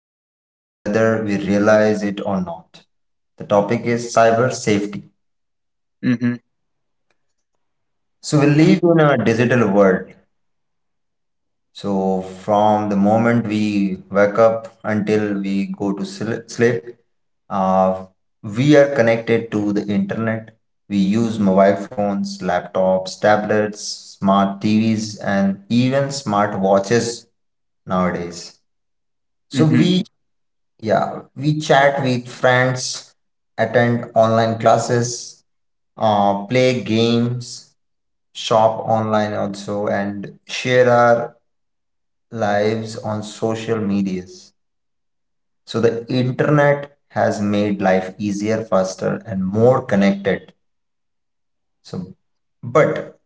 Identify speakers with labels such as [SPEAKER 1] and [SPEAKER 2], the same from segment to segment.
[SPEAKER 1] of us whether we realize it or not. The topic is cyber safety.
[SPEAKER 2] Mm-hmm.
[SPEAKER 1] So we live in a digital world. So, from the moment we wake up until we go to sleep, uh, we are connected to the internet. We use mobile phones, laptops, tablets, smart TVs, and even smart watches nowadays. So,
[SPEAKER 2] Mm-hmm.
[SPEAKER 1] we, yeah, we chat with friends, attend online classes, play games, shop online also, and share our lives on social medias. So the internet has made life easier, faster, and more connected. So, but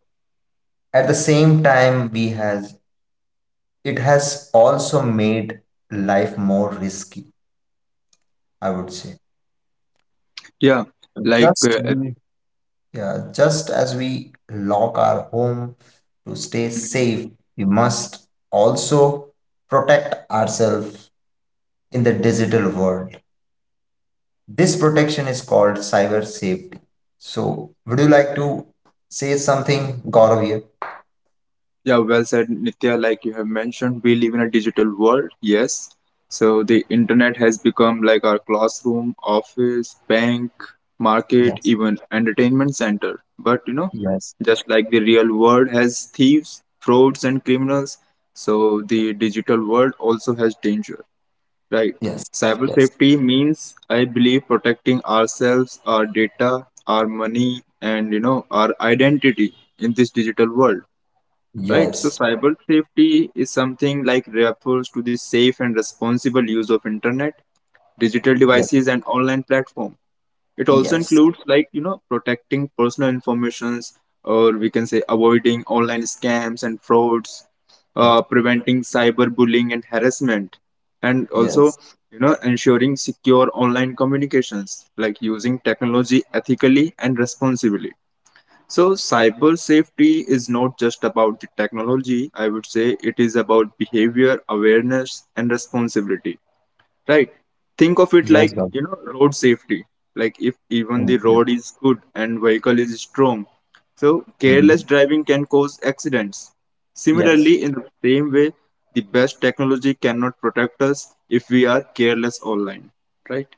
[SPEAKER 1] at the same time, we has it has also made life more risky, I would say.
[SPEAKER 2] Yeah. Like,
[SPEAKER 1] Just
[SPEAKER 2] uh, uh,
[SPEAKER 1] we- yeah, just as we lock our home to stay
[SPEAKER 2] mhm.
[SPEAKER 1] safe, we must also protect ourselves in the digital world. This protection is called cyber safety. So, would you like to say something, Gaurav here?
[SPEAKER 2] Yeah, well said, Nitya. Like you have mentioned, we live in a digital world. Yes. So the internet has become like our classroom, office, bank, market,
[SPEAKER 1] Yes,
[SPEAKER 2] even entertainment center. But,
[SPEAKER 1] yes,
[SPEAKER 2] just like the real world has thieves, frauds, and criminals, so the digital world also has danger. Right.
[SPEAKER 1] yes,
[SPEAKER 2] Cyber
[SPEAKER 1] yes.
[SPEAKER 2] safety means, I believe, protecting ourselves, our data, our money, and our identity in this digital world. Right. So,
[SPEAKER 1] Yes,
[SPEAKER 2] cyber safety is something like refers to the safe and responsible use of internet, digital devices, and online platform. It also
[SPEAKER 1] yes,
[SPEAKER 2] includes like protecting personal informations, or we can say avoiding online scams and frauds,
[SPEAKER 1] yes, yes,
[SPEAKER 2] preventing cyberbullying and harassment, and also
[SPEAKER 1] yes,
[SPEAKER 2] ensuring secure online communications, like using technology ethically and responsibly. So, cyber safety is not just about the technology, I would say it is about behavior, awareness, and responsibility, right? Think of it
[SPEAKER 1] yes,
[SPEAKER 2] like
[SPEAKER 1] God.
[SPEAKER 2] road safety. Like if
[SPEAKER 1] Mm,
[SPEAKER 2] even the
[SPEAKER 1] yes.
[SPEAKER 2] road is good and vehicle is strong, so careless
[SPEAKER 1] Mhm.
[SPEAKER 2] driving can cause accidents.
[SPEAKER 1] Yes.
[SPEAKER 2] Similarly, in the same way, the best technology cannot protect us if we are careless online, right?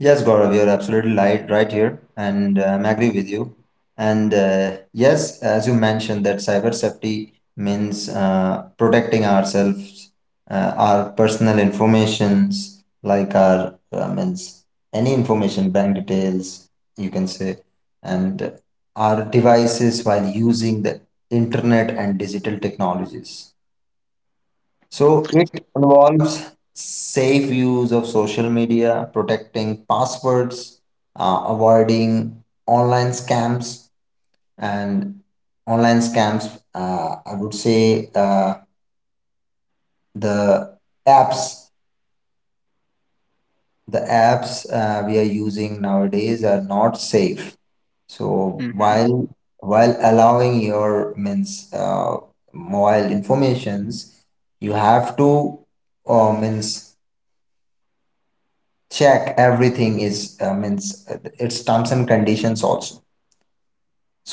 [SPEAKER 1] Yes, Gaurav, you're absolutely right, right here, and I agree with you. And yes, as you mentioned, that cyber safety means protecting ourselves, our personal informations, like our means any information, bank details, you can say, and our devices while using the internet and digital technologies. So it involves safe use of social media, protecting passwords, avoiding online scams, and online scams. I would say the apps, the apps we are using nowadays are not safe. So
[SPEAKER 2] Hmm.
[SPEAKER 1] while allowing your means mobile informations, you have to means check everything is means its terms and conditions also.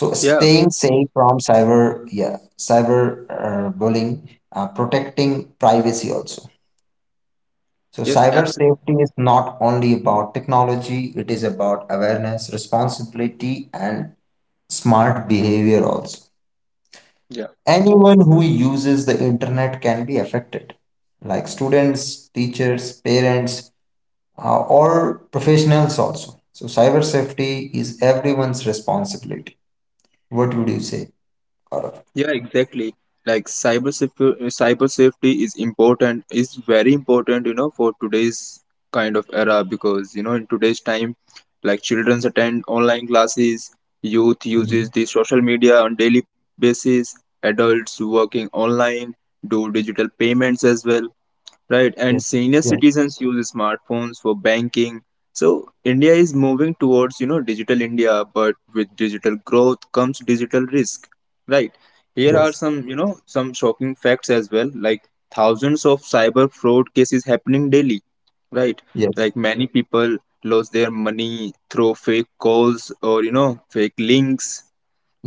[SPEAKER 1] So
[SPEAKER 2] Yeah.
[SPEAKER 1] staying safe from cyber bullying, protecting privacy also. So
[SPEAKER 2] Yes.
[SPEAKER 1] cyber
[SPEAKER 2] Absolutely.
[SPEAKER 1] safety is not only about technology, it is about awareness, responsibility, and smart behavior also. Anyone who uses the internet can be affected, like students, teachers, parents, or professionals also. So cyber safety is everyone's responsibility. What would you say, Gaurav?
[SPEAKER 2] Yeah, exactly. Like cyber safety is important, is very important, for today's kind of era, because in today's time, like children attend online classes, youth uses
[SPEAKER 1] Mhm.
[SPEAKER 2] the social media on daily basis, adults working online do digital payments as well. Right, and
[SPEAKER 1] Yes,
[SPEAKER 2] senior
[SPEAKER 1] yes,
[SPEAKER 2] citizens use smartphones for banking. So India is moving towards, digital India, but with digital growth comes digital risk. Right. Here are
[SPEAKER 1] yes,
[SPEAKER 2] some, some shocking facts as well, like thousands of cyber fraud cases happening daily. Right.
[SPEAKER 1] yes,
[SPEAKER 2] Like many people lose their money through fake calls or, fake links.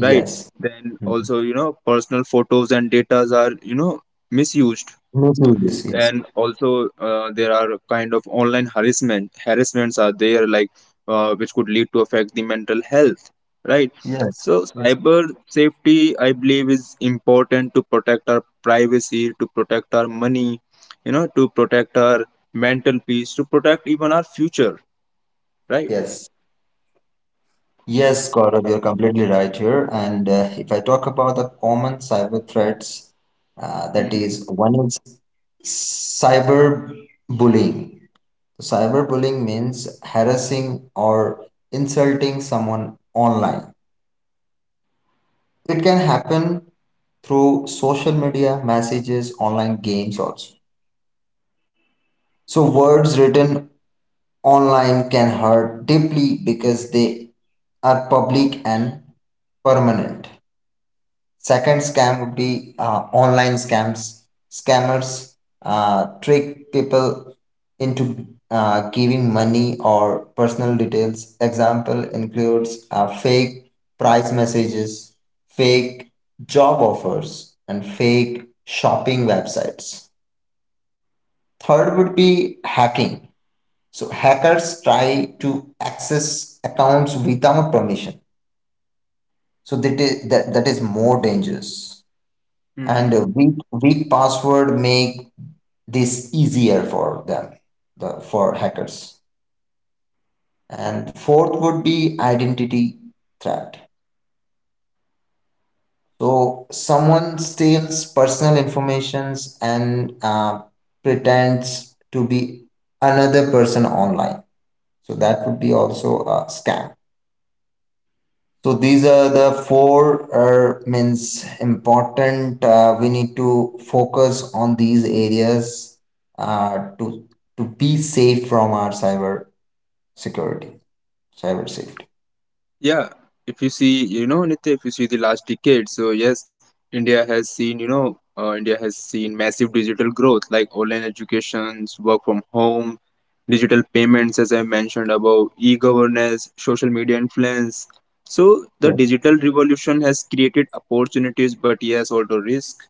[SPEAKER 2] Right.
[SPEAKER 1] yes.
[SPEAKER 2] Then
[SPEAKER 1] Mhm.
[SPEAKER 2] also, personal photos and data are, misused.
[SPEAKER 1] Me too. Yes, yes,
[SPEAKER 2] And also there are kind of online harassments are there, like which could lead to affect the mental health, right?
[SPEAKER 1] yes,
[SPEAKER 2] So
[SPEAKER 1] yes.
[SPEAKER 2] cyber safety, I believe, is important to protect our privacy, to protect our money, to protect our mental peace, to protect even our future, right?
[SPEAKER 1] Yes, yes, Gaurav, you're completely right here. And if I talk about the common cyber threats, that is, one is cyber bullying. Cyber bullying means harassing or insulting someone online. It can happen through social media, messages, online games also. So words written online can hurt deeply because they are public and permanent. Second scam would be online scams. Scammers trick people into giving money or personal details. Example includes fake price messages, fake job offers, and fake shopping websites. Third would be hacking. So hackers try to access accounts without permission. So that is, that is more dangerous. And
[SPEAKER 2] Hmm.
[SPEAKER 1] a weak password make this easier for them, for hackers. And fourth would be identity threat. So someone steals personal informations and pretends to be another person online, so that would be also a scam. So these are the four means important. We need to focus on these areas uh, to to be safe from our cyber security, cyber safety.
[SPEAKER 2] Yeah, if you see, Nitya, if you see the last decade, so yes, India has seen, India has seen massive digital growth like online educations, work from home, digital payments, as I mentioned above, e-governance, social media influence. So the
[SPEAKER 1] Yes,
[SPEAKER 2] digital revolution has created opportunities, but yes, also risk.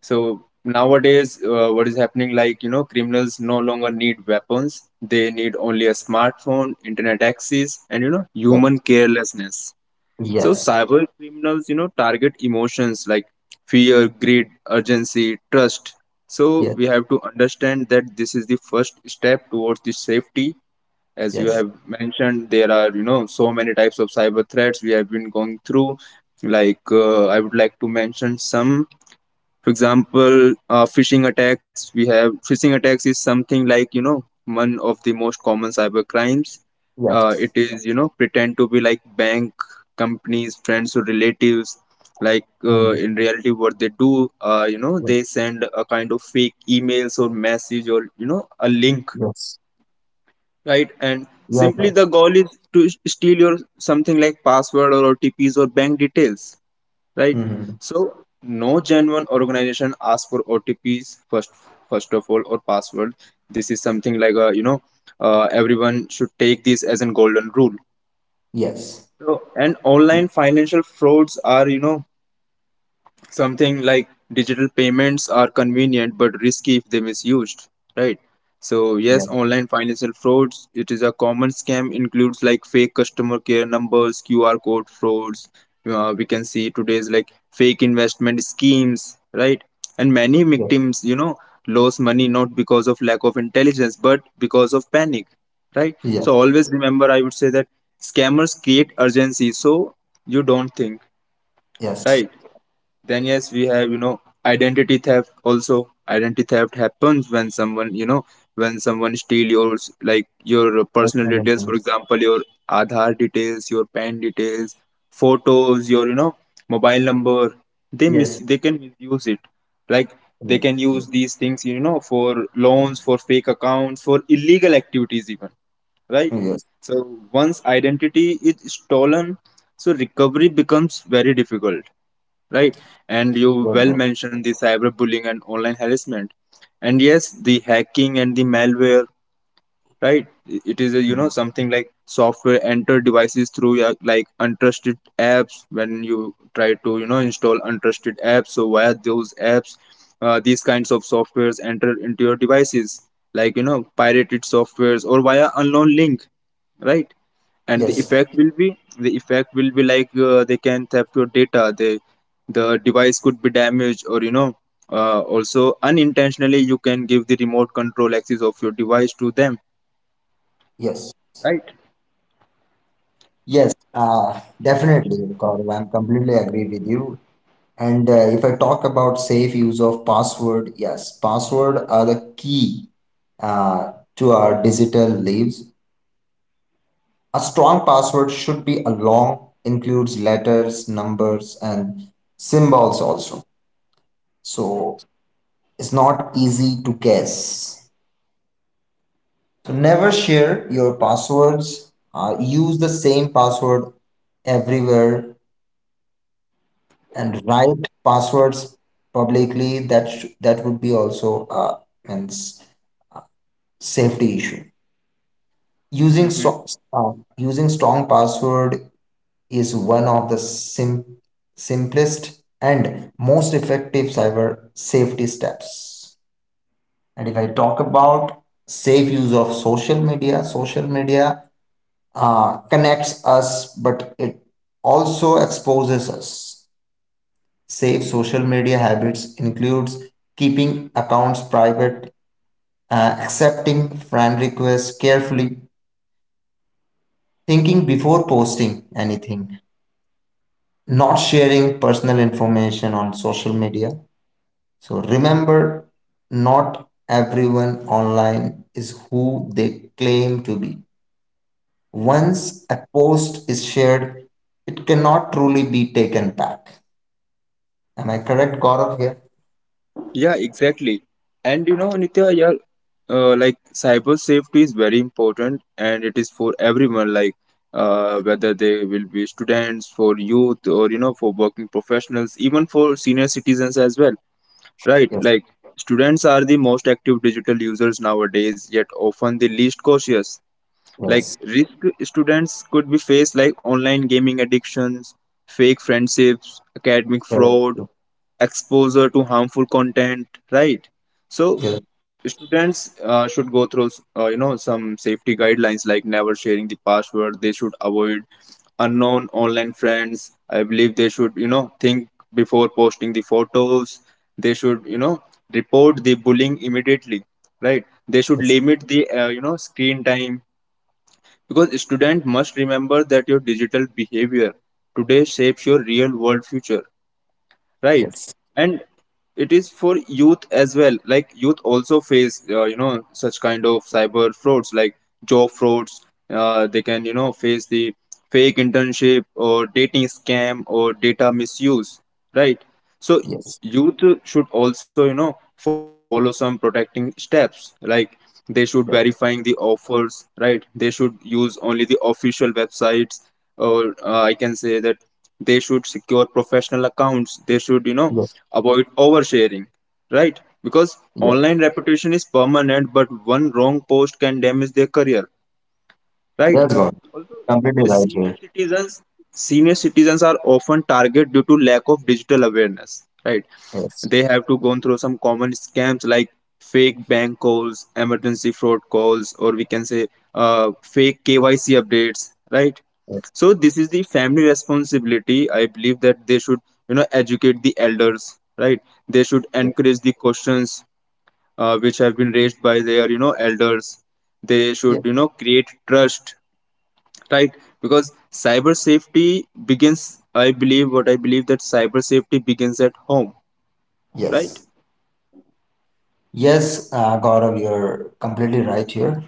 [SPEAKER 2] So nowadays, what is happening? Like criminals no longer need weapons; they need only a smartphone, internet access, and human carelessness.
[SPEAKER 1] yes.
[SPEAKER 2] So
[SPEAKER 1] Yes,
[SPEAKER 2] cyber criminals, target emotions like fear, greed, urgency, trust. So
[SPEAKER 1] yes,
[SPEAKER 2] we have to understand that this is the first step towards the safety. As you
[SPEAKER 1] yes,
[SPEAKER 2] have mentioned, there are so many types of cyber threats we have been going through. Like I would like to mention some. For example, phishing attacks is something like one of the most common cyber crimes.
[SPEAKER 1] yes,
[SPEAKER 2] It is, pretend to be like bank, companies, friends, or relatives. Like
[SPEAKER 1] mm,
[SPEAKER 2] in reality, what they do,
[SPEAKER 1] yes,
[SPEAKER 2] they send a kind of fake emails or message or a link,
[SPEAKER 1] yes,
[SPEAKER 2] right? And
[SPEAKER 1] yes,
[SPEAKER 2] simply
[SPEAKER 1] sir.
[SPEAKER 2] the goal is to steal your something like password or OTPs or bank details, right?
[SPEAKER 1] Hmm.
[SPEAKER 2] So no genuine organization asks for OTPs first, first of all, or password. This is something like a, everyone should take this as a golden rule.
[SPEAKER 1] Yes,
[SPEAKER 2] So, and online financial frauds are, something like digital payments are convenient but risky if they misused, right? So yes,
[SPEAKER 1] yes,
[SPEAKER 2] online financial frauds, it is a common scam includes like fake customer care numbers, QR code frauds, we can see today's like fake investment schemes, right? And many
[SPEAKER 1] yes.
[SPEAKER 2] victims, lose money not because of lack of intelligence but because of panic, right?
[SPEAKER 1] Yes,
[SPEAKER 2] So always remember, I would say that scammers create urgency so you don't think,
[SPEAKER 1] yes.
[SPEAKER 2] right? Then yes, we have, identity theft also. Identity theft happens when someone, when someone steal your like your personal
[SPEAKER 1] Personal
[SPEAKER 2] details, for
[SPEAKER 1] information.
[SPEAKER 2] example, your Aadhaar details, your PAN details, photos, your, mobile number.
[SPEAKER 1] Yes,
[SPEAKER 2] They can misuse it. Like they
[SPEAKER 1] yes,
[SPEAKER 2] can use
[SPEAKER 1] yes,
[SPEAKER 2] these things, for loans, for fake accounts, for illegal activities even, right?
[SPEAKER 1] yes, yes,
[SPEAKER 2] So once identity is stolen, so recovery becomes very difficult, right? And you well
[SPEAKER 1] sir.
[SPEAKER 2] mentioned the cyberbullying and online harassment, and yes, the hacking and the malware, right? It is a,
[SPEAKER 1] Mhm.
[SPEAKER 2] something like software enter devices through your, like untrusted apps. When you try to install untrusted apps, so via those apps, these kinds of softwares enter into your devices, like pirated softwares or via unknown link, right? And
[SPEAKER 1] Yes,
[SPEAKER 2] the effect will be like they can theft your data. The device could be damaged, or also unintentionally you can give the remote control access of your device to them,
[SPEAKER 1] yes.
[SPEAKER 2] right?
[SPEAKER 1] Yes, definitely, Gaurav. I'm completely agree with you. And if I talk about safe use of password, yes, password are the key uh, to our digital lives. A strong password should be a long, includes letters, numbers, and symbols also. So it's not easy to guess. So never share your passwords. Use the same password everywhere and write passwords publicly, that would be also a means safety issue. using
[SPEAKER 2] Mm-hmm.
[SPEAKER 1] so- uh, Using strong password is one of the simplest and most effective cyber safety steps. And if I talk about safe use of social media, social media uh, connects us but it also exposes us. Safe social media habits includes keeping accounts private, accepting friend requests carefully, thinking before posting anything, not sharing personal information on social media. So remember, not everyone online is who they claim to be. Once a post is shared, it cannot truly be taken back. Am I correct, Gaurav, here?
[SPEAKER 2] Yeah, exactly. And Nitya, yeah, like cyber safety is very important, and it is for everyone. Like whether they will be students, for youth, or for working professionals, even for senior citizens as well. Right,
[SPEAKER 1] Yes,
[SPEAKER 2] like students are the most active digital users nowadays, yet often the least cautious. Like
[SPEAKER 1] yes,
[SPEAKER 2] risk, students could be faced like online gaming addictions, fake friendships, academic
[SPEAKER 1] yes,
[SPEAKER 2] fraud, exposure to harmful content, right? So
[SPEAKER 1] yes,
[SPEAKER 2] students should go through some safety guidelines like never sharing the password. They should avoid unknown online friends. I believe they should think before posting the photos. They should report the bullying immediately, right? They should
[SPEAKER 1] yes.
[SPEAKER 2] limit the screen time, because students must remember that your digital behavior today shapes your real world future, right?
[SPEAKER 1] Yes.
[SPEAKER 2] And it is for youth as well. Like youth also face such kind of cyber frauds like job frauds. They can face the fake internship or dating scam or data misuse, right? So
[SPEAKER 1] Yes,
[SPEAKER 2] youth should also follow some protecting steps like they should
[SPEAKER 1] yes,
[SPEAKER 2] verifying the offers, right? They should use only the official websites, or I can say that they should secure professional accounts. They should
[SPEAKER 1] yes.
[SPEAKER 2] avoid oversharing, right? Because
[SPEAKER 1] Yes,
[SPEAKER 2] online reputation is permanent, but one wrong post can damage their career, right?
[SPEAKER 1] yes, God,
[SPEAKER 2] Also,
[SPEAKER 1] completely
[SPEAKER 2] The
[SPEAKER 1] right here.
[SPEAKER 2] senior citizens are often targeted due to lack of digital awareness, right?
[SPEAKER 1] Yes,
[SPEAKER 2] They have to go through some common scams like fake bank calls, emergency fraud calls, or we can say fake KYC updates, right?
[SPEAKER 1] yes.
[SPEAKER 2] So this is the family responsibility. I believe that they should, educate the elders, right? They should
[SPEAKER 1] Yes.
[SPEAKER 2] encourage the questions which have been raised by their, elders. They should,
[SPEAKER 1] Yes.
[SPEAKER 2] create trust, right? Because cyber safety begins I believe what I believe that cyber safety begins at home, right?
[SPEAKER 1] Yes, yes, Gaurav, you're completely right here.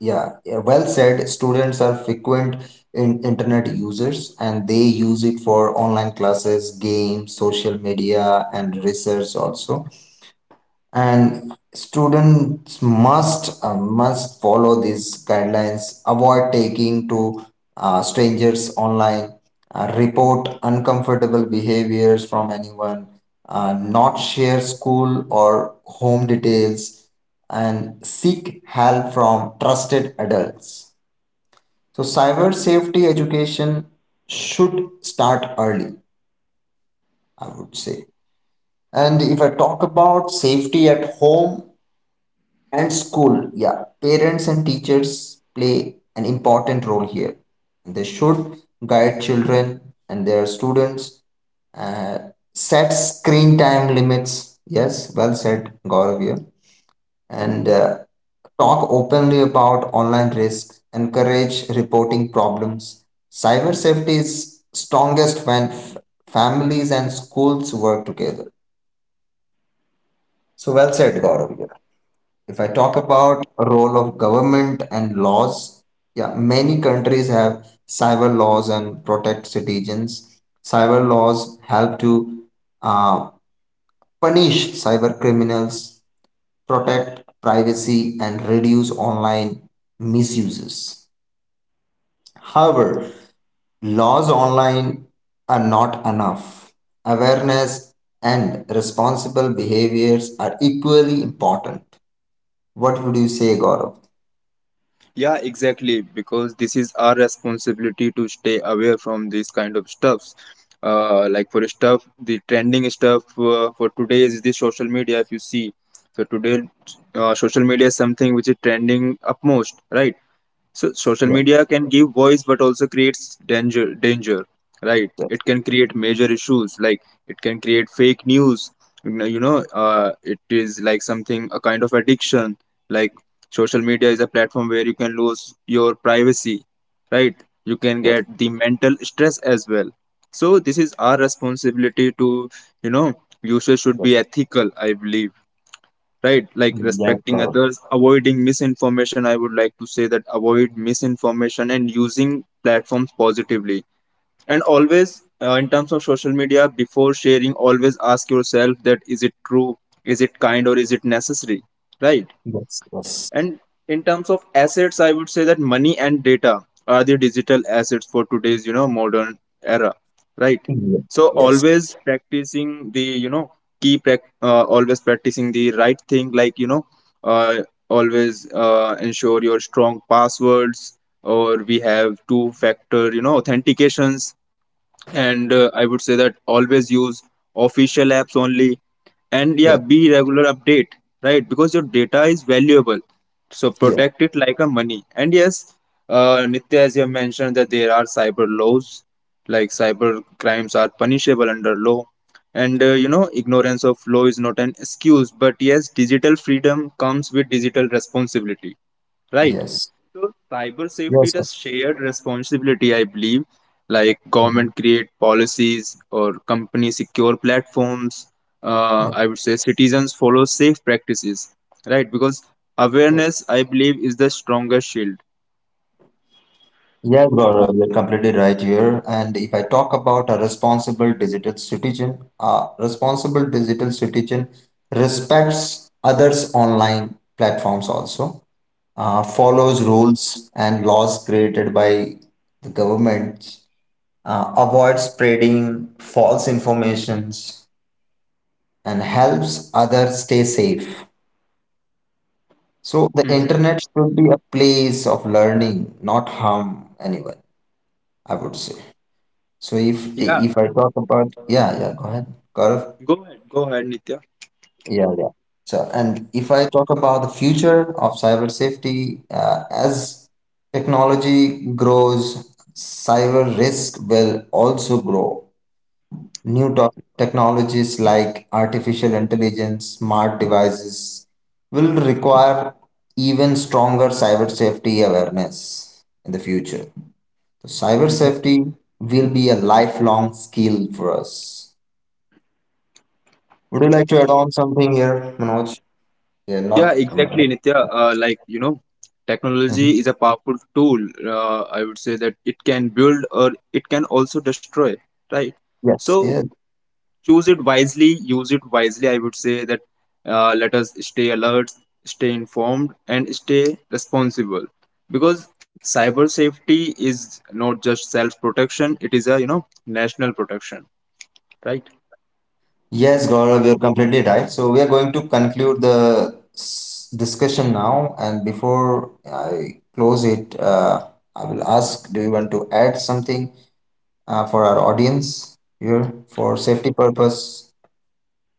[SPEAKER 1] Yeah, yeah, well said. Students are frequent in internet users and they use it for online classes, games, social media, and research also. And students must must follow these guidelines: avoid taking to strangers online, report uncomfortable behaviors from anyone, not share school or home details, and seek help from trusted adults. So cyber safety education should start early, I would say. And if I talk about safety at home and school, yeah, parents and teachers play an important role here. They should guide children and their students, uh, set screen time limits. Yes, well said, Gaurav here. And talk openly about online risks, encourage reporting problems. Cyber safety is strongest when families and schools work together. So well said, Gaurav here. If I talk about role of government and laws, yeah, many countries have cyber laws and protect citizens. Cyber laws help to uh, punish cyber criminals, protect privacy, and reduce online misuses. However, laws online are not enough. Awareness and responsible behaviors are equally important. What would you say, Gaurav?
[SPEAKER 2] Yeah, exactly. Because this is our responsibility to stay aware from these kind of stuffs. Like for stuff, the trending stuff for today is the social media, if you see. So today, social media is something which is trending upmost, right? So social
[SPEAKER 1] Yeah.
[SPEAKER 2] media can give voice but also creates danger, right?
[SPEAKER 1] Yes.
[SPEAKER 2] It can create major issues like it can create fake news. It is like something, a kind of addiction. Like social media is a platform where you can lose your privacy, right? You can get the mental stress as well. So this is our responsibility to, you know, users should be
[SPEAKER 1] Yes.
[SPEAKER 2] ethical, I believe, right? Like
[SPEAKER 1] Yes,
[SPEAKER 2] respecting
[SPEAKER 1] God.
[SPEAKER 2] others, avoiding misinformation. I would like to say that avoid misinformation and using platforms positively. And always in terms of social media, before sharing, always ask yourself, that is it true? Is it kind? Or is it necessary? Right.
[SPEAKER 1] Yes, yes.
[SPEAKER 2] And in terms of assets, I would say that money and data are the digital assets for today's, modern era, right?
[SPEAKER 1] Yes,
[SPEAKER 2] So
[SPEAKER 1] yes,
[SPEAKER 2] always practicing the, key prac always practicing the right thing, like, uh, always ensure your strong passwords, or we have two factor, authentications. And I would say that always use official apps only. And yeah,
[SPEAKER 1] yes,
[SPEAKER 2] be regular update, right? Because your data is valuable, so
[SPEAKER 1] yes,
[SPEAKER 2] protect it like a money. And yes, Nitya, as you have mentioned that there are cyber laws, like cyber crimes are punishable under law. And ignorance of law is not an excuse, but yes, digital freedom comes with digital responsibility, right?
[SPEAKER 1] yes.
[SPEAKER 2] So cyber safety is a
[SPEAKER 1] Yes, God.
[SPEAKER 2] shared responsibility, I believe. Like government
[SPEAKER 1] Mhm.
[SPEAKER 2] create policies or company secure platforms. I
[SPEAKER 1] Yeah.
[SPEAKER 2] would say citizens follow safe practices, right? Because
[SPEAKER 1] Yes.
[SPEAKER 2] awareness, I believe, is the strongest shield.
[SPEAKER 1] Yes, God, you're completely right here. And if I talk about a responsible digital citizen, a responsible digital citizen respects others' online platforms also, follows rules and laws created by the government, avoids spreading false informations, and helps others stay safe. So the
[SPEAKER 2] Hmm.
[SPEAKER 1] internet should be a place of learning, not harm anyone, I would say. So if
[SPEAKER 2] Yeah,
[SPEAKER 1] if I talk about, yeah, yeah, go ahead, Gaurav.
[SPEAKER 2] go ahead, Nitya.
[SPEAKER 1] Yeah, yeah. So and if I talk about the future of cyber safety, as technology grows, cyber risk will also grow. New to- technologies like artificial intelligence, smart devices will require even stronger cyber safety awareness in the future. So cyber
[SPEAKER 2] Hmm.
[SPEAKER 1] safety will be a lifelong skill for us. Would you like to add on something here, Manoj? Yeah,
[SPEAKER 2] Yeah,
[SPEAKER 1] not.
[SPEAKER 2] exactly,
[SPEAKER 1] Mhm.
[SPEAKER 2] Nitya. Like technology is a powerful tool. I would say that it can build, or it can also destroy, right?
[SPEAKER 1] Yes.
[SPEAKER 2] So
[SPEAKER 1] Yes.
[SPEAKER 2] choose it wisely, use it wisely, I would say that. Let us stay alert, stay informed, and stay responsible. Because cyber safety is not just self protection, it is a, national protection, right?
[SPEAKER 1] Yes, Gaurav, you're completely right. So we are going to conclude the discussion now. And before I close it, I will ask, do you want to add something for our audience here for safety purpose?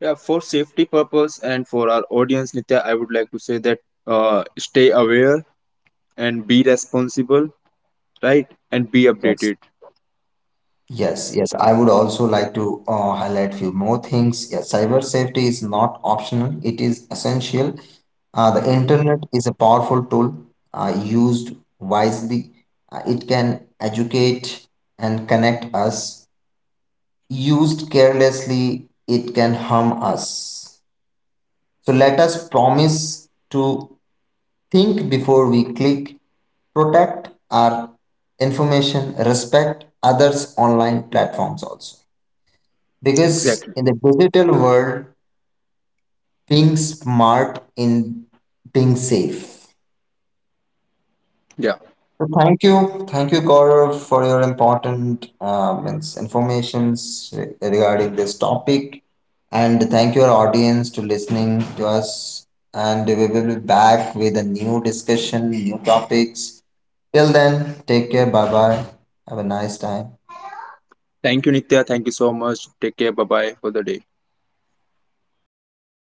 [SPEAKER 2] Yeah, for safety purpose and for our audience, Nitya, I would like to say that stay aware and be responsible, right? And be
[SPEAKER 1] Yes.
[SPEAKER 2] updated.
[SPEAKER 1] Yes, yes. I would also like to highlight few more things. Yes, cyber safety is not optional; it is essential. The
[SPEAKER 2] Hmm.
[SPEAKER 1] internet is a powerful tool. Used wisely, it can educate and connect us. Used carelessly, it can harm us. So let us promise to think before we click, protect our information, respect others' online platforms also. Because
[SPEAKER 2] Exactly.
[SPEAKER 1] in the digital world, being smart in being safe.
[SPEAKER 2] Yeah.
[SPEAKER 1] So thank you, Gaurav, for your important informations regarding this topic, and thank your audience to listening to us. And we will be back with a new discussion, new topics. Till then, take care. Bye bye. Have a nice time.
[SPEAKER 2] Thank you, Nitya. Thank you so much. Take care. Bye bye for the day.